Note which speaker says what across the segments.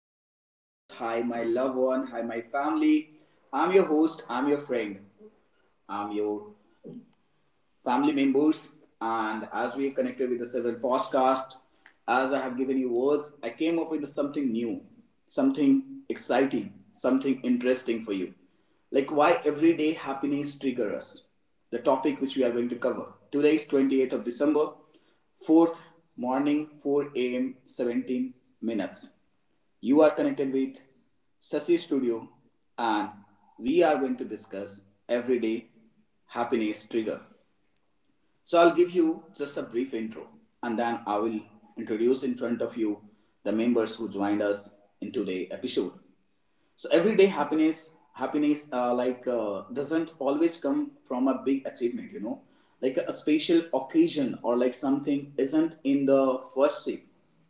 Speaker 1: Hi, dear folks. Hi, my loved one. Hi, my family. I'm your host. I'm your friend. I'm your family members, and as we connected with the several podcasts, as I have given you words, I came up with something new, something exciting, something interesting for you. Like why everyday happiness trigger us. The topic which we are going to cover. Today is 28th of December, 4th morning, 4 a.m. 17 minutes. You are connected with Sasi Studio and we are going to discuss everyday happiness trigger. So I'll give you just a brief intro and then I will introduce in front of you the members who joined us in today's episode. So everyday happiness like doesn't always come from a big achievement like a special occasion, or like something isn't in the first sip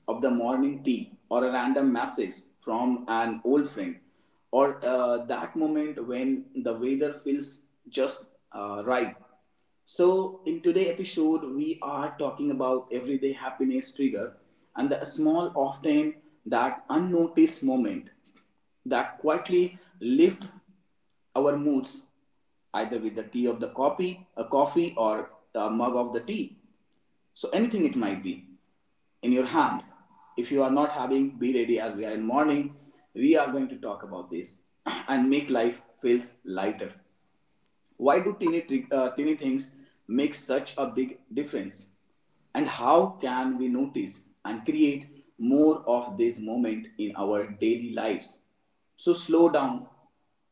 Speaker 1: of the morning tea, or a random message from an old friend, or that moment when the weather feels just right. So in today's episode, we are talking about everyday happiness trigger and the small, often that unnoticed moment that quietly lift our moods, either with the tea of the coffee, a coffee or a mug of the tea. So anything it might be in your hand. If you are not having, be ready, as we are in morning we are going to talk about this and make life feels lighter. Why do teeny things make such a big difference? And how can we notice and create more of this moment in our daily lives? So slow down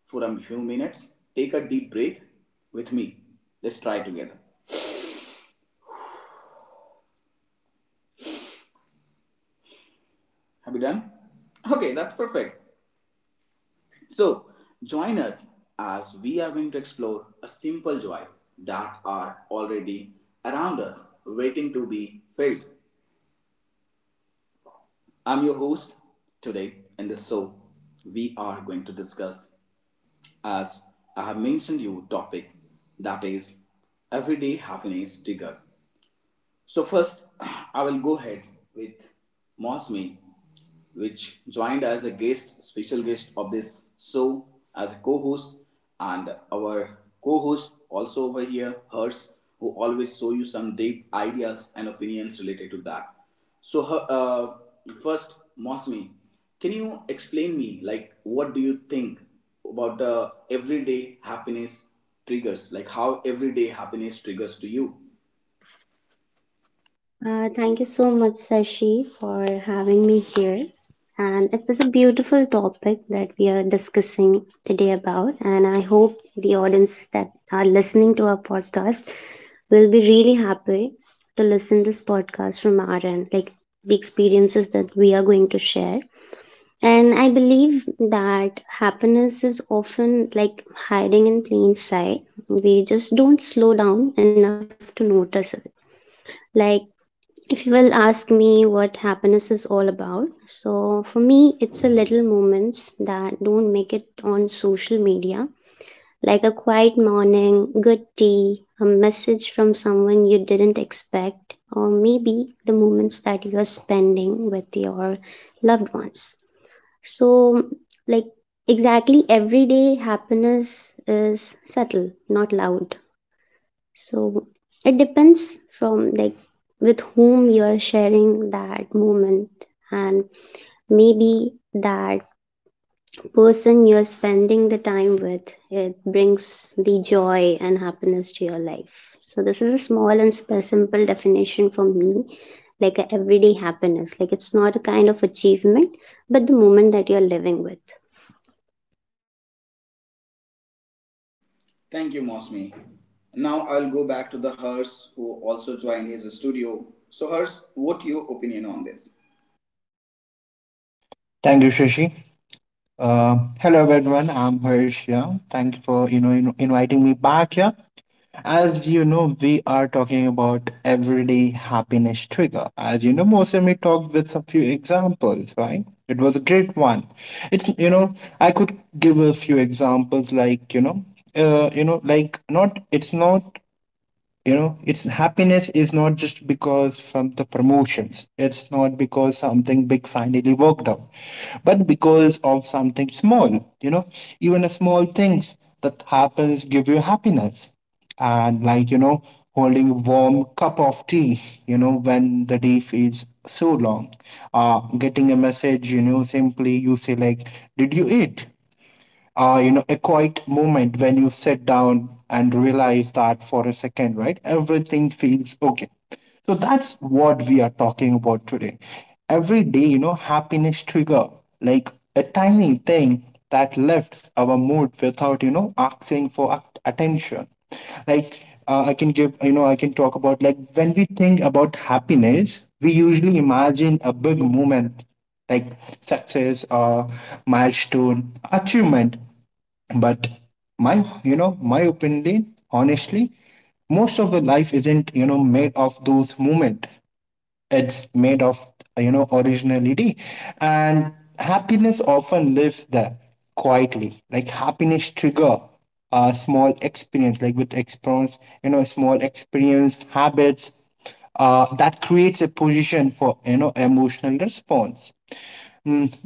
Speaker 1: for a few minutes. Take a deep breath with me. Let's try together. Have you done? Okay, that's perfect. So join us as we are going to explore a simple joy that are already around us, waiting to be filled. I'm your host today in this show. We are going to discuss, as I have mentioned you, topic that is everyday happiness trigger. So first, I will go ahead with Mosme, which joined as a guest, special guest of this show as a co-host, and our co-host also over here, Hers, who always show you some deep ideas and opinions related to that. So first, Mosme, can you explain me like what do you think about the everyday happiness triggers? Like how everyday happiness triggers to you?
Speaker 2: Thank you so much, Sashi, for having me here. And it was a beautiful topic that we are discussing today about. And I hope the audience that are listening to our podcast will be really happy to listen this podcast from our end, like the experiences that we are going to share. And I believe that happiness is often like hiding in plain sight. We just don't slow down enough to notice it. Like if you will ask me what happiness is all about, so for me, it's the little moments that don't make it on social media, like a quiet morning, good tea, a message from someone you didn't expect, or maybe the moments that you are spending with your loved ones. So, like, exactly every day, happiness is subtle, not loud, so it depends from like with whom you're sharing that moment, and maybe that person you're spending the time with, it brings the joy and happiness to your life. So this is a small and simple definition for me, like a everyday happiness, like it's not a kind of achievement, but the moment that you're living with.
Speaker 1: Thank you, Mosmi. Now I'll go back to the Hers, who also joined his studio. So, Hers, what your opinion on this?
Speaker 3: Thank you, Shashi. Hello, everyone. I'm Harish here. Thank you for inviting me back here. As you know, we are talking about everyday happiness trigger. As you know, Mosemi talked with a few examples, right? It was a great one. It's you know I could give a few examples. Not it's not you know it's Happiness is not just because from the promotions, it's not because something big finally worked out, but because of something small. you know Even a small things that happens give you happiness. And, holding a warm cup of tea, when the day feels so long. Getting a message, simply you say like, did you eat? A quiet moment when you sit down and realize that for a second, right? Everything feels okay. So that's what we are talking about today. Every day, happiness trigger, like a tiny thing that lifts our mood without, asking for attention. Like, I can give, I can talk about like when we think about happiness, we usually imagine a big moment, like success or milestone achievement. But my you know my opinion honestly, most of the life isn't made of those moment. It's made of, originality, and happiness often lives there quietly, like happiness trigger, a small experience, like with experience, small experienced habits, that creates a position for emotional response.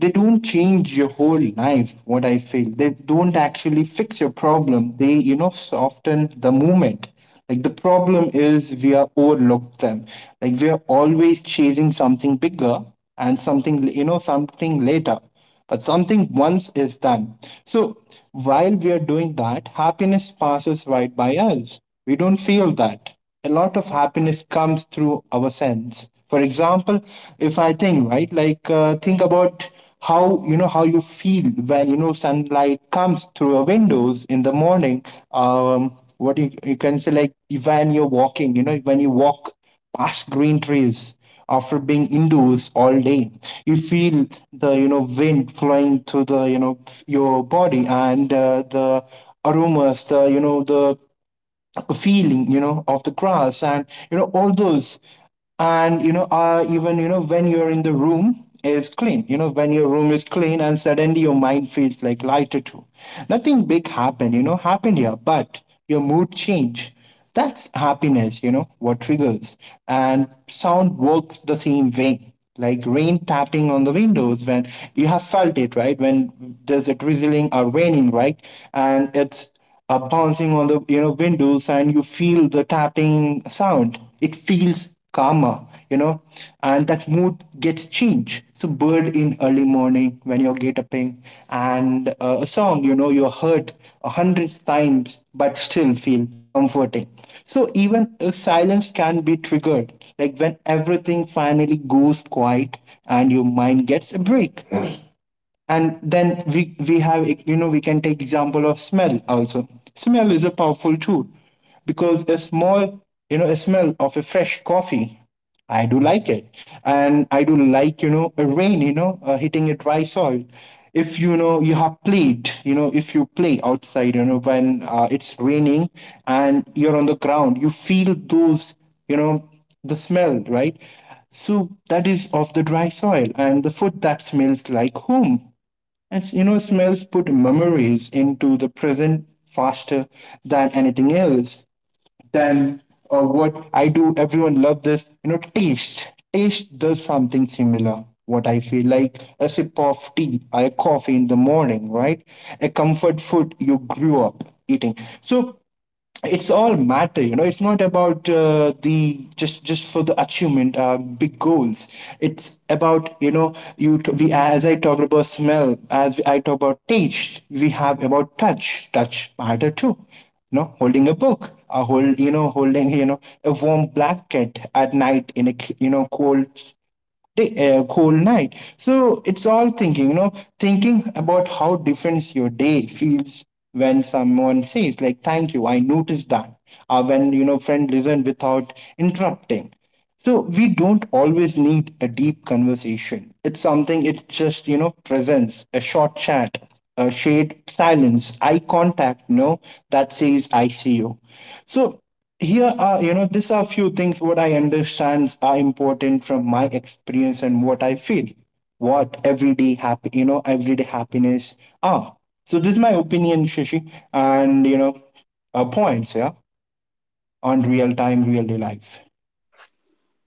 Speaker 3: They don't change your whole life, what I feel. They don't actually fix your problem, they soften the moment. Like, the problem is we are overlooked them. Like we are always chasing something bigger, and something, something later, but something once is done. So while we are doing that, happiness passes right by us. We don't feel that. A lot of happiness comes through our sense. For example, if I think, right, like, think about how you feel when sunlight comes through your windows in the morning. You can say like, when you're walking, when you walk past green trees after being indoors all day, you feel the, wind flowing through the, your body, and the aromas, the, the feeling, of the grass, and, all those. And even, when you're in the room is clean, when your room is clean and suddenly your mind feels like lighter too. Nothing big happened, happened here, but your mood change. That's happiness, what triggers. And sound works the same way. Like rain tapping on the windows, when you have felt it, right? When there's a drizzling or raining, right? And it's, bouncing on the, windows, and you feel the tapping sound. It feels calmer, you know and that mood gets changed. So bird in early morning when you're get upping, and a song, you heard 100 times but still feel comforting. So even a silence can be triggered, like when everything finally goes quiet and your mind gets a break. And then we have you know we can take example of smell also. Smell is a powerful tool, because a small, a smell of a fresh coffee, I do like it. And I do like, a rain, hitting a dry soil. If you have played, if you play outside, when it's raining and you're on the ground, you feel those, you know the smell, right? So that is of the dry soil, and the food that smells like home. And, smells put memories into the present faster than anything else. Than, what I do, everyone love this. You know, taste. Taste does something similar. What I feel like, a sip of tea or a coffee in the morning, right? A comfort food you grew up eating. So it's all matter, it's not about the just for the achievement, big goals. It's about, we, as I talked about smell, as I talk about taste, we have about touch. Touch matter too. Holding a book, a hold you know holding, a warm blanket at night in a, cold day, whole night. So it's all thinking, thinking about how different your day feels when someone says, like, thank you, I noticed that. Or when, friend listen without interrupting. So we don't always need a deep conversation. It's just, presence, a short chat, a shade silence, eye contact, no, that says, I see you. So here are, these are few things what I understand are important from my experience, and what I feel. What everyday happy you know Everyday happiness are. So this is my opinion, Shashi, and, points, yeah, on real time, real day life.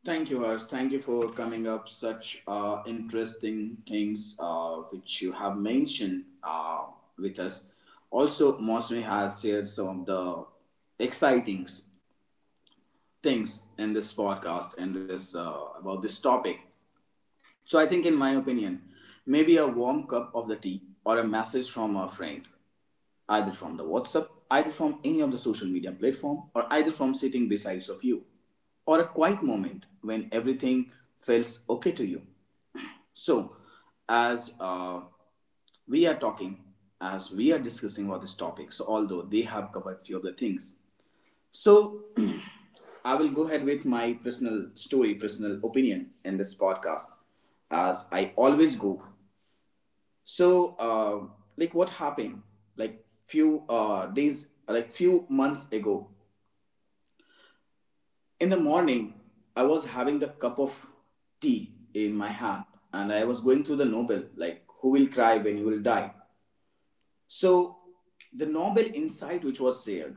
Speaker 1: Thank you, Hers. Thank you for coming up such interesting things which you have mentioned with us. Also, Mosmi has shared some of the exciting things in this podcast and this about this topic. So I think, in my opinion, maybe a warm cup of the tea, or a message from a friend either from the WhatsApp, either from any of the social media platform, or either from sitting besides of you, or a quiet moment when everything feels okay to you. So, as we are talking, as we are discussing about this topic, so although they have covered few of the things, so I will go ahead with my personal story, personal opinion in this podcast, as I always go. So, like, what happened? Like, few days, like, few months ago, in the morning, I was having the cup of tea in my hand, and I was going through the Nobel, like, who will cry when you will die? So the novel insight which was shared,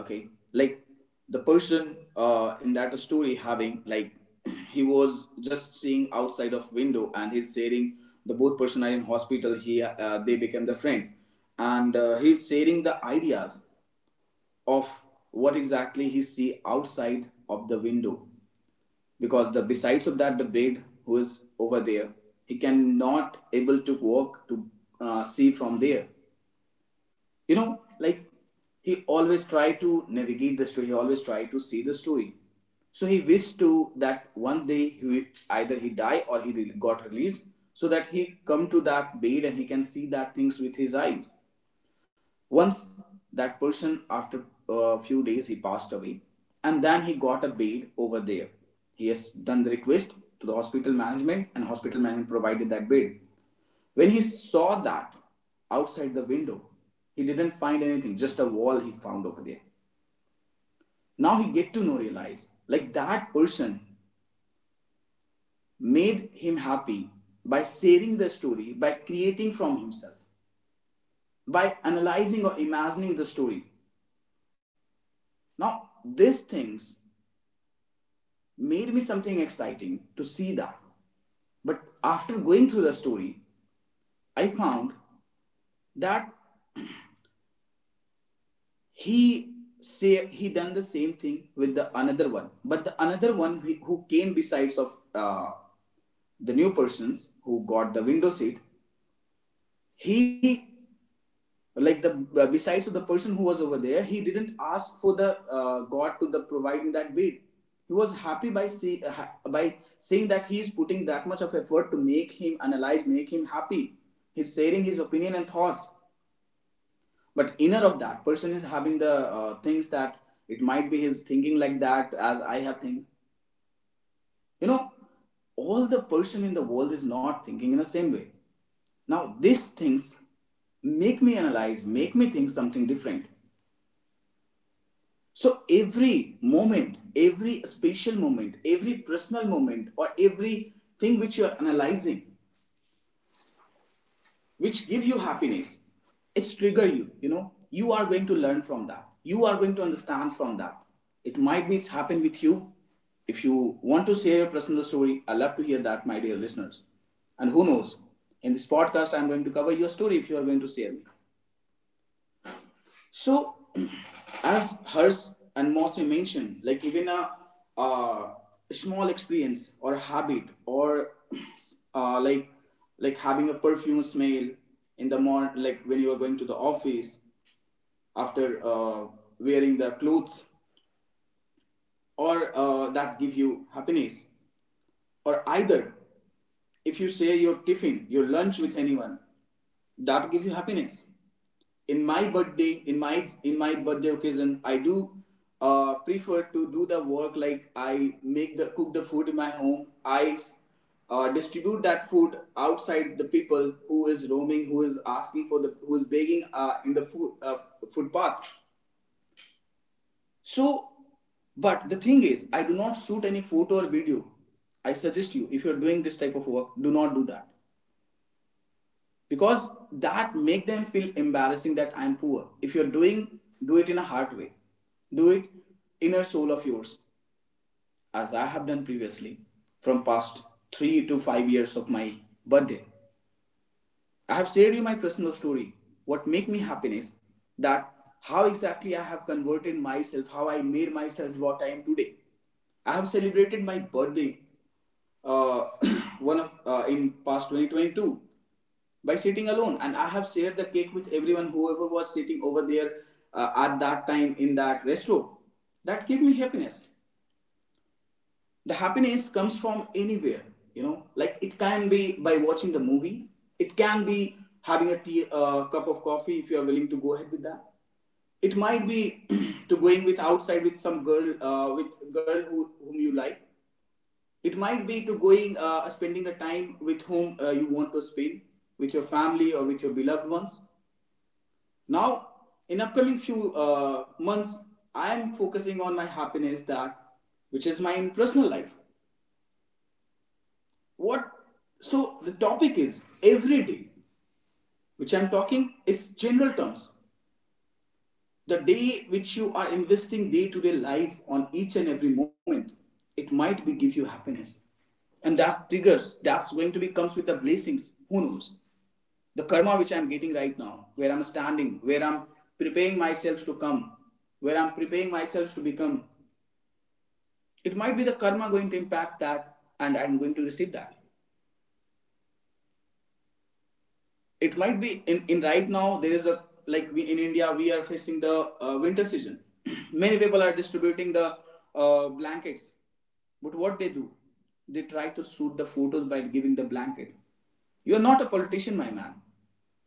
Speaker 1: okay, like the person in that story having like he was just seeing outside of window and he's sharing. The both person are in hospital. He They become the friend, and he's sharing the ideas of what exactly he see outside of the window, because the besides of that the bed who is over there, he cannot able to walk to see from there, you know, like he always tried to navigate the story, he always tried to see the story. So he wished to that one day he either he die or he got released, so that he come to that bed and he can see that things with his eyes. Once that person after a few days he passed away, and then he got a bed over there. He has done the request to the hospital management and hospital management provided that bed. When he saw that outside the window, he didn't find anything, just a wall he found over there. Now he get to know realize like that person made him happy by sharing the story, by creating from himself, by analyzing or imagining the story. Now these things made me something exciting to see that. But after going through the story, I found that he say he done the same thing with the another one, but the another one who came besides of the new persons who got the window seat, he like the besides of the person who was over there, he didn't ask for the god to the providing that bid. He was happy by by saying that he is putting that much of effort to make him analyze, make him happy. He's sharing his opinion and thoughts, but inner of that person is having the things that it might be his thinking like that, as I have think. You know, all the person in the world is not thinking in the same way. Now these things make me analyze, make me think something different. So every moment, every special moment, every personal moment, or every thing which you are analyzing, which give you happiness, it's trigger you, you know, you are going to learn from that, you are going to understand from that. It might be happen with you. If you want to share your personal story, I love to hear that, my dear listeners, and who knows, in this podcast I'm going to cover your story if you are going to share me. So, as Hers and Mosme mentioned, like even a, uh small experience or habit or uh, like like having a perfume smell in the morning, like when you are going to the office after wearing the clothes, or that give you happiness, or either if you share your tiffin, your lunch with anyone, that give you happiness. In my birthday occasion I do prefer to do the work, like I make the cook the food in my home. I distribute that food outside the people who is roaming, who is asking for the, who is begging in the food footpath. So but the thing is I do not shoot any photo or video. I suggest you, if you're doing this type of work, do not do that, because that make them feel embarrassing that I'm poor. If you're doing, do it in a hard way, do it inner soul of yours, as I have done previously. From past 3 to 5 years of my birthday, I have shared you my personal story, what make me happiness, that how exactly I have converted myself, how I made myself what I am today. I have celebrated my birthday, uh, one of in past 2022, by sitting alone, and I have shared the cake with everyone whoever was sitting over there at that time in that restaurant. That gave me happiness. The happiness comes from anywhere, you know, like it can be by watching the movie, it can be having a tea, cup of coffee if you are willing to go ahead with that. It might be to going with outside with some girl, with girl whom you like. It might be to going spending the time with whom you want to spend with your family or with your beloved ones. Now, in upcoming few months, I am focusing on my happiness that, which is my personal life. What? So the topic is every day, which I'm talking. It's general terms. The day which you are investing day to day life on each and every moment, it might be give you happiness, and that triggers. That's going to be comes with the blessings. Who knows? The karma which I'm getting right now, where I'm standing, where I'm preparing myself to come, where I'm preparing myself to become, it might be the karma going to impact that, and I'm going to receive that. It might be in right now there is a, like, we in India we are facing the winter season. Many people are distributing the blankets, but what they do, they try to shoot the photos by giving the blanket. You are not a politician, my man,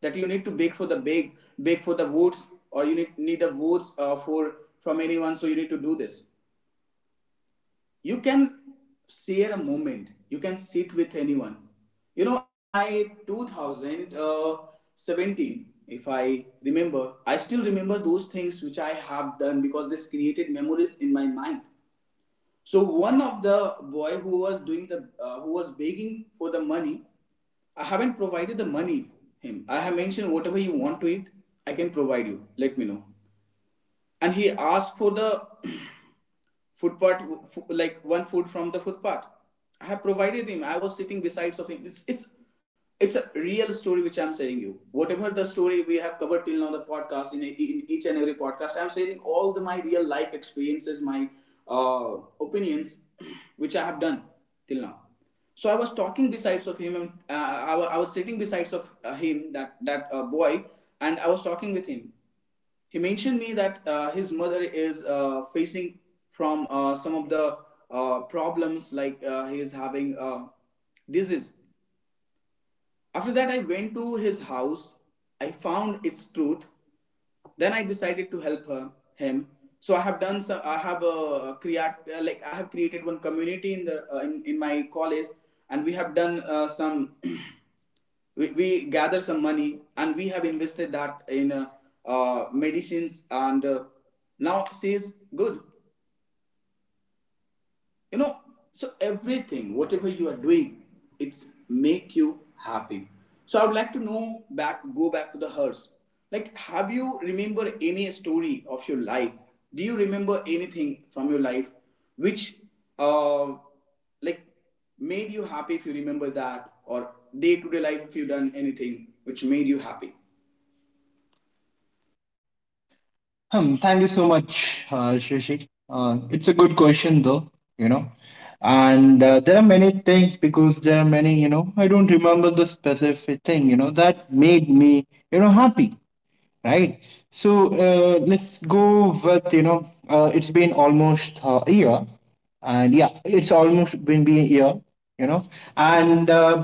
Speaker 1: that you need to beg for the beg for the votes, or you need the votes, for, from anyone, so you need to do this. You can share a moment, you can sit with anyone. You know, in my 2017, if I remember, I still remember those things which I have done because this created memories in my mind. So one of the boy who was doing the who was begging for the money, I haven't provided the money. Him, I have mentioned, whatever you want to eat, I can provide you, let me know. And he asked for the footpath, like one food from the footpath. I have provided him. I was sitting besides of him. It's it's a real story which I'm saying you. Whatever the story we have covered till now, the podcast in, a, in each and every podcast, I'm sharing all the, my real life experiences, my uh, opinions, which I have done till now. So I was talking besides of him, and I, I was sitting besides of him, that boy, and I was talking with him. He mentioned me that his mother is facing from some of the problems, like he is having disease. After that, I went to his house. I found its truth. Then I decided to help her, him. So I have done some. I have create like I have created one community in the in my college, and we have done some. We gather some money, and we have invested that in medicines, and now she is good, you know. So everything whatever you are doing, it's make you happy. So I would like to know, back, go back to the hearse, like, have you remember any story of your life? Do you remember anything from your life which uh like made you happy, if you remember that? Or day to day life, if you done anything which made you happy?
Speaker 3: Hmm, thank you so much, Shrishi. It's a good question, though, you know. And there are many things, because there are many, I don't remember the specific thing, that made me, happy. Right. So let's go with, it's been almost, a year. And yeah, it's almost been a year, you know. And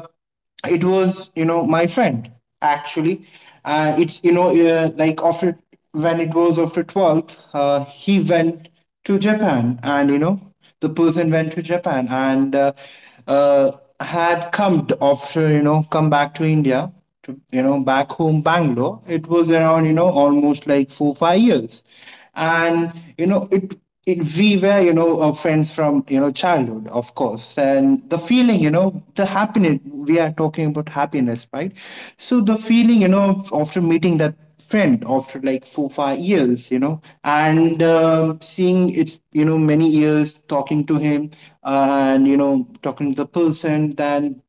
Speaker 3: it was, my friend, actually. It's, like, after when it was after 12th, he went to Japan. And the person went to Japan, and uh, had after, come back to India, to, back home Bangalore. It was around, almost like 4-5 years. And you know it it, we were, friends from, childhood, of course. And the feeling, the happiness, we are talking about happiness, right? So the feeling, after meeting that friend after like 4-5 years, and, um, seeing it's, many years, talking to him, and, talking to the person. Then,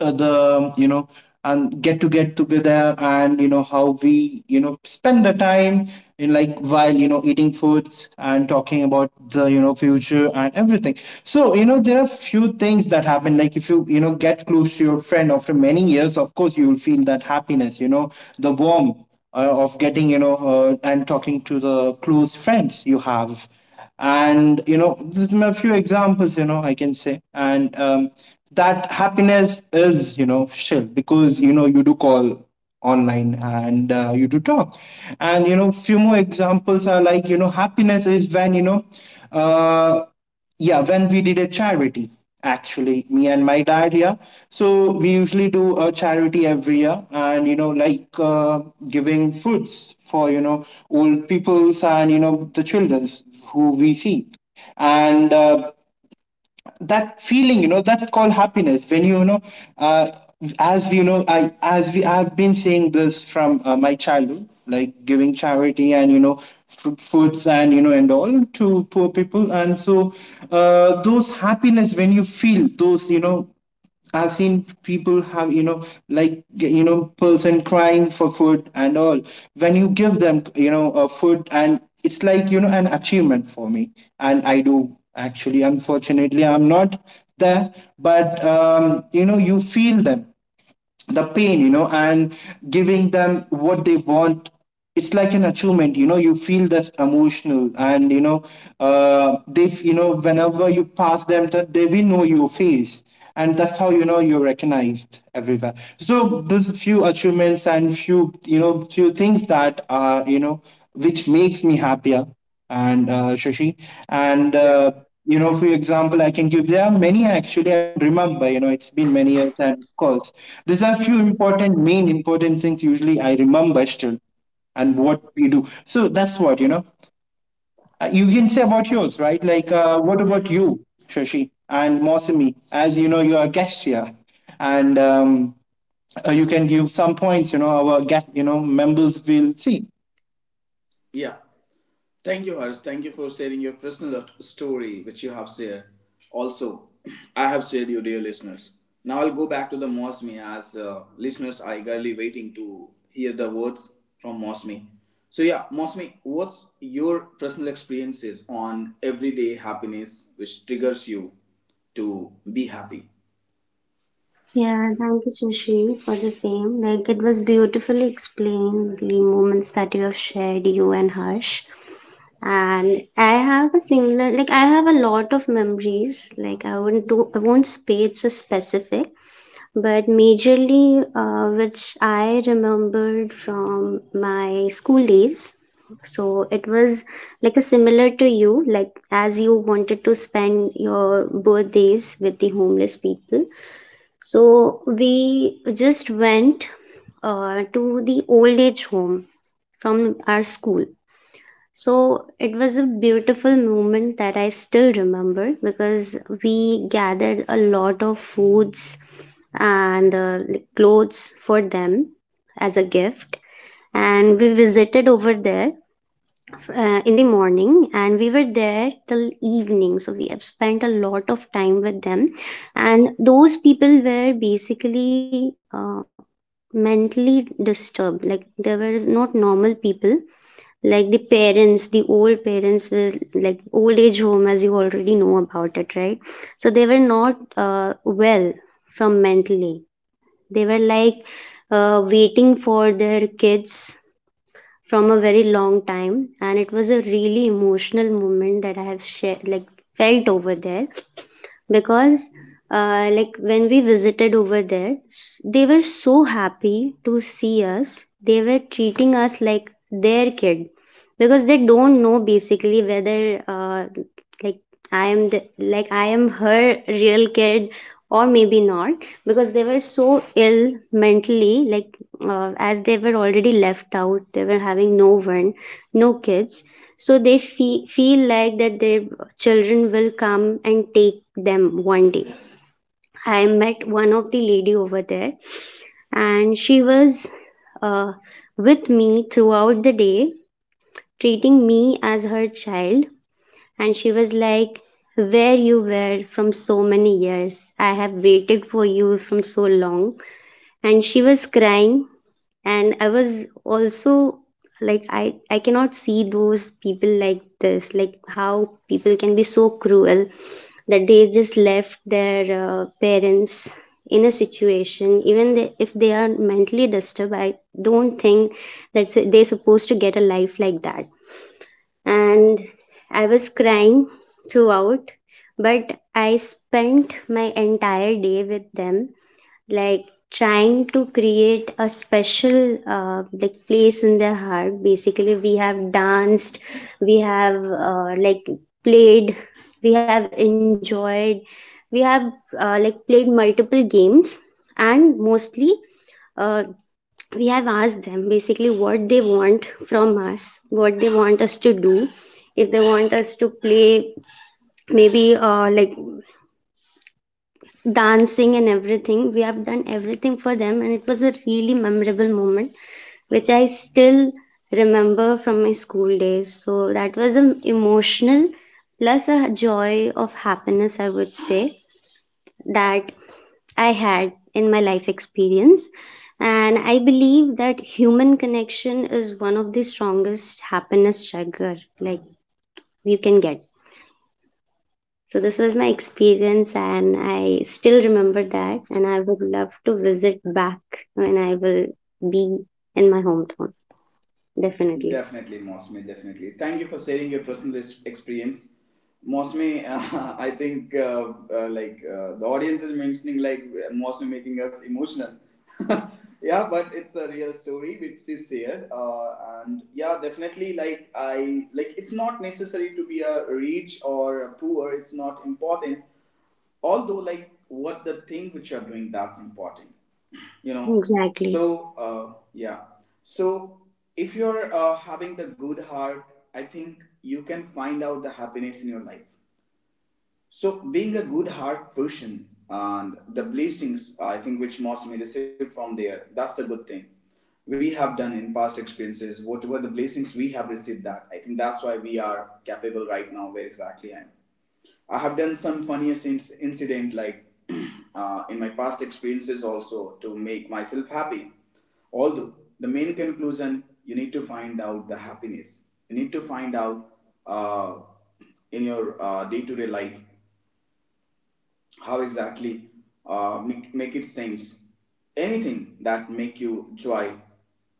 Speaker 3: the you know and get to get together, and, how we, spend the time, in like while, eating foods and talking about the, future and everything. So, there are few things that happen. Like, if you, you know get close to your friend after many years, of course you will feel that happiness, the warmth, of getting, and talking to the close friends you have. And, this is a few examples, I can say. And, that happiness is, shill, because, you do call online, and you do talk. And, few more examples are like, happiness is when, uh, yeah, when we did a charity, actually, me and my dad. Yeah. So we usually do a charity every year, and, like, giving foods for, old peoples, and, the childrens who we see. And, that feeling, that's called happiness, when you know uh, as we, you know I as we, I've been saying this from, my childhood, like giving charity, and, foods, and, and all, to poor people. And so, those happiness when you feel those, you know. I've seen people have, person crying for food and all. When you give them, food, and it's like, an achievement for me. And I do, actually, unfortunately, I'm not there, but, you feel them the pain, and giving them what they want, it's like an achievement, you feel that's emotional. And, you know they f- you know whenever you pass them, that they will know your face. And that's how, you're recognized everywhere. So there's few achievements, and few, few things that are, which makes me happier. And, Shashi. And,
Speaker 1: Yeah,
Speaker 3: for example, I can give, there are many, actually. I don't remember. You know, it's been many years, and of course, these are few important, main important things, usually I remember still, and what we do. So that's what, you know. You can say about yours, right? Like, what about you, Shashi and Mosami? As you know, you are guest here. And, you can give some points. You know, our guest, members will see.
Speaker 1: yeah. Thank you, Harsh. Thank you for sharing your personal story, which you have shared. Also, I have shared you, dear listeners. Now I'll go back to the Mosmi, as listeners are eagerly waiting to hear the words from Mosmi. So yeah, Mosmi, what's your personal experiences on everyday happiness which triggers you to be happy?
Speaker 2: Yeah, thank you, Sushi, for the same. Like, it was beautifully explained, the moments that you have shared, you and Harsh. And I have a similar, like, I have a lot of memories. Like, I wouldn't do, I won't space a specific, but majorly, which I remembered from my school days. So it was like a similar to you, like as you wanted to spend your birthdays with the homeless people, so we just went to the old age home from our school. So it was a beautiful moment that I still remember, because we gathered a lot of foods and like clothes for them as a gift, and we visited over there in the morning, and we were there till evening, so we have spent a lot of time with them. And those people were basically mentally disturbed, like they were not normal people, like the old parents were, like old age home, as you already know about it, right? So they were not uh, well from mentally. They were like waiting for their kids from a very long time. And it was a really emotional moment that I have shared, like felt over there, because like when we visited over there, they were so happy to see us. They were treating us like their kid, because they don't know basically whether like like I am her real kid or maybe not, because they were so ill mentally, like as they were already left out, they were having no one, no kids. So they feel like that their children will come and take them one day. I met one of the lady over there, and she was uh, with me throughout the day, treating me as her child. And she was like, where you were from so many years, I have waited for you from so long. And she was crying, and I was also like, I cannot see those people like this. Like how people can be so cruel that they just left their parents in a situation. Even they, if they are mentally disturbed, I don't think that they're supposed to get a life like that. And I was crying throughout, but I spent my entire day with them, like trying to create a special like place in their heart. Basically we have danced, we have like played, we have enjoyed, we have like played multiple games. And mostly uh, we have asked them basically what they want from us, what they want us to do, if they want us to play, maybe like dancing and everything. We have done everything for them, and it was a really memorable moment, which I still remember from my school days. So that was an emotional plus a joy of happiness, I would say, that I had in my life experience. And I believe that human connection is one of the strongest happiness trigger like you can get. So this was my experience, and I still remember that, and I would love to visit back when I will be in my hometown. Definitely.
Speaker 1: Definitely, Mosme, definitely. Thank you for sharing your personal experience. Mosme, I think like the audience is mentioning like Mosme making us emotional. Yeah, but it's a real story which she shared. And yeah, definitely, like, I like, it's not necessary to be a rich or a poor. It's not important, although, like, what the thing which you're doing, that's important, you know.
Speaker 2: Exactly.
Speaker 1: So yeah. So if you're having the good heart, I think you can find out the happiness in your life. So being a good heart person and the blessings, I think, which most may receive from there, that's the good thing which we have done in past experiences. Whatever the blessings we have received, that, I think, that's why we are capable right now where exactly I am. I have done some funniest incident, like, in my past experiences also to make myself happy. Although the main conclusion, you need to find out the happiness. You need to find out uh, in your day to day life how exactly make it sense. Anything that make you joy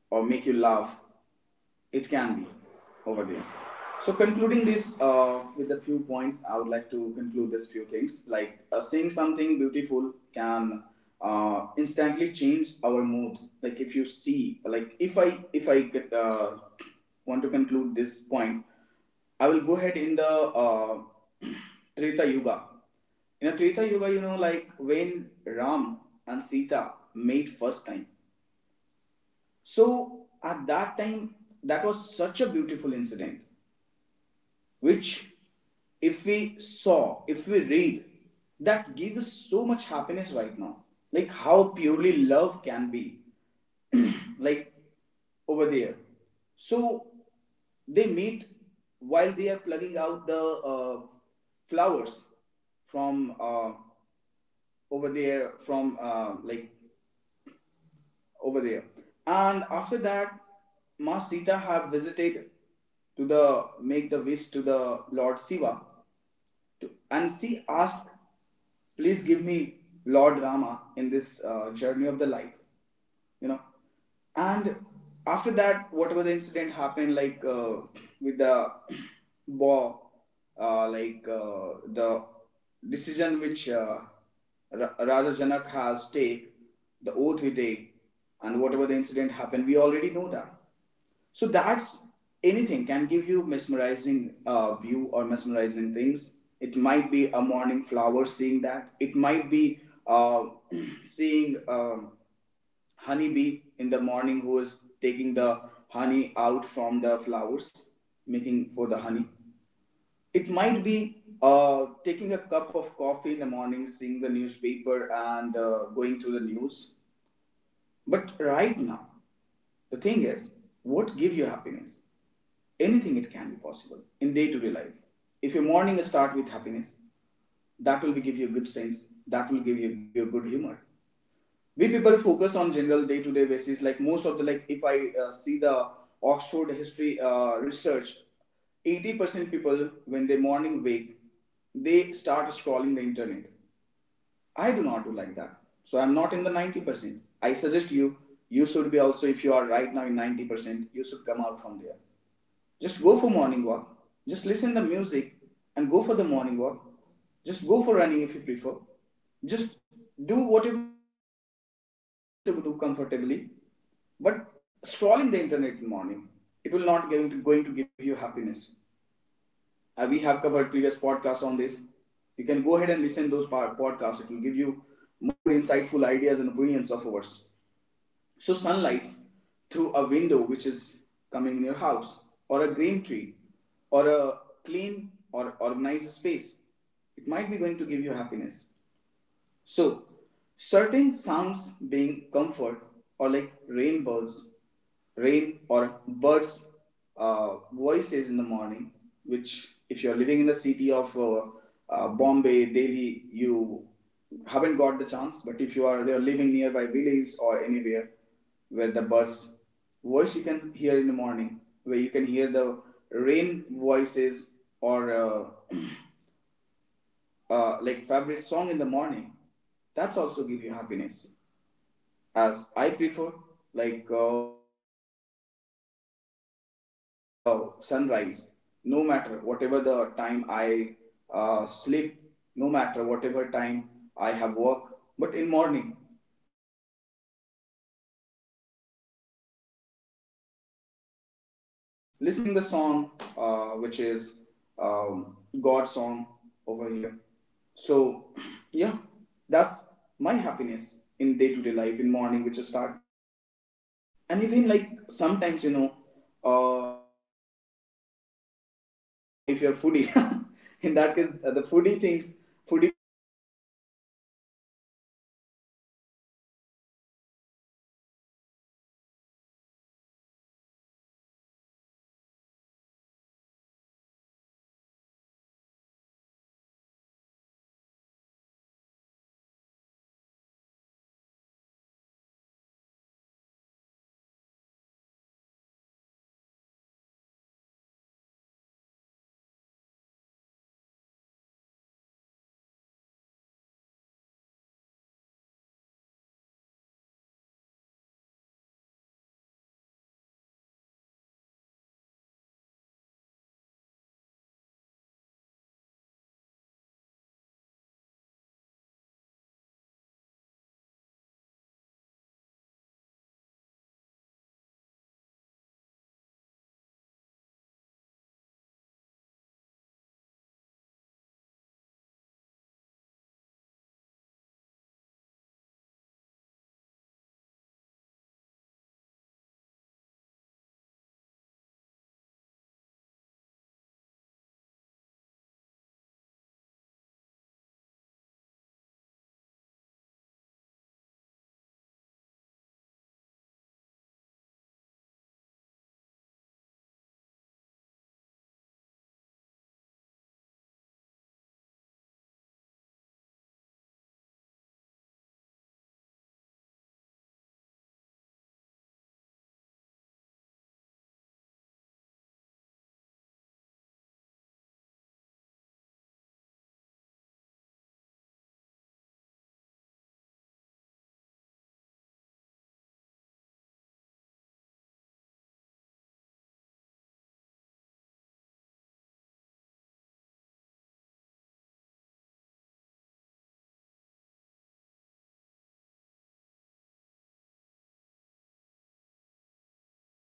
Speaker 1: or make you laugh, it can be over there. So, concluding this with a few points, I would like to conclude this few things, like, seeing something beautiful can instantly change our mood. Like if you see, like if I, if I get, want to conclude this point, I will go ahead in the Treta Yuga. In a Treta Yuga, you know, like when Ram and Sita made first time, so at that time, that was such a beautiful incident, which, if we saw, if we read, that gave us so much happiness right now. Like how purely love can be, like over there. So they meet while they are plugging out the flowers from over there, from like over there. And after that, Ma Sita have visited to the, make the wish to the Lord Shiva, to, and see, ask, please give me Lord Rama in this journey of the life, you know. And after that, whatever the incident happened, like with the war, like the decision which Raja Janak has take, the oath he take, and whatever the incident happened, we already know that. So that's, anything can give you mesmerizing view or mesmerizing things. It might be a morning flower, seeing that. It might be uh, seeing honeybee in the morning who is taking the honey out from the flowers, making for the honey. It might be taking a cup of coffee in the morning, seeing the newspaper and going through the news. But right now, the thing is, what give you happiness? Anything, it can be possible in day-to-day life. If your morning start with happiness, that will give you a good sense, that will give you a good humor. We people focus on general day-to-day basis, like most of the, like, if I see the Oxford history research, 80% people when they morning wake, they start scrolling the internet. I do not do like that, so I'm not in the 90%. I suggest you, you should be also, if you are right now in 90%, you should come out from there. Just go for morning walk. Just listen the music and go for the morning walk. Just go for running if you prefer. Just do whatever you feel to do comfortably. But scrolling the internet in the morning, it will not going to give you happiness. We have covered previous podcasts on this. You can go ahead and listen to those podcasts. It will give you more insightful ideas and opinions of ours. So sunlight through a window which is coming in your house, or a green tree, or a clean or organized space, it might be going to give you happiness. So, certain sounds being comfort, or like rainbows, rain, or birds' voices in the morning, which, if you're living in the city of Bombay, Delhi, you haven't got the chance. But if you are, you are living nearby village or anywhere where the birds' voice you can hear in the morning, where you can hear the rain voices or like favorite song in the morning, that's also give you happiness. As I prefer, like to listen in the morning, seeing the sunrise, no matter whatever the time I sleep, no matter whatever time I have work, but in morning I prefer to see the sunrise with the having the tea in my hand and listening the song which is God song over here. So yeah, that's my happiness in day to day life in morning, which I start with that. And even like sometimes, you know, like, some food smell give you happiness. If you if you're foodie, in that case, the foodie things, foodie partners can understand that, like the smell of the food in the morning, if it will give you happiness, like what's today is going to cook by mom, what's today going to cook by our, in our house. If anyone living alone, so they need to plan accordingly. And that give you happiness, listening the music while cooking, having partners besides of you, if you are married, your wife besides of you, if you're living besides of your partner, having you, that's give you happiness. Anything can be, it's possible. So just become like the comfort food, or like anything as I mentioned, it might be the holiday which you're planning, if that give you happiness. A warm blanket, holding a book, or a hug of your partner, that's give you happiness, or a sense quietly safe, or happiness even a day. So, like, anything where emotional connection is involved, where your feelings is involved, because that give you uh, happiness, you know. So, with the last few words, I would like to end up the sessions over here. And thank you for spending this time with us, dear listeners. What's give you happiness? I would like to love to hear that. Until next time, be connected with us. Be happy. Find your happiness in day-to-day life. Whatever it's give you happiness, whatever you find the happiness in your life. Till then, next time, do comment, do share your feedback, do share your story if you have. And until next time, slow down, notice, and take care of yourself. Have a nice and healthy day. Bye bye. Thank you, Harsh, for joining us. Thank you, Mosmi, for joining us.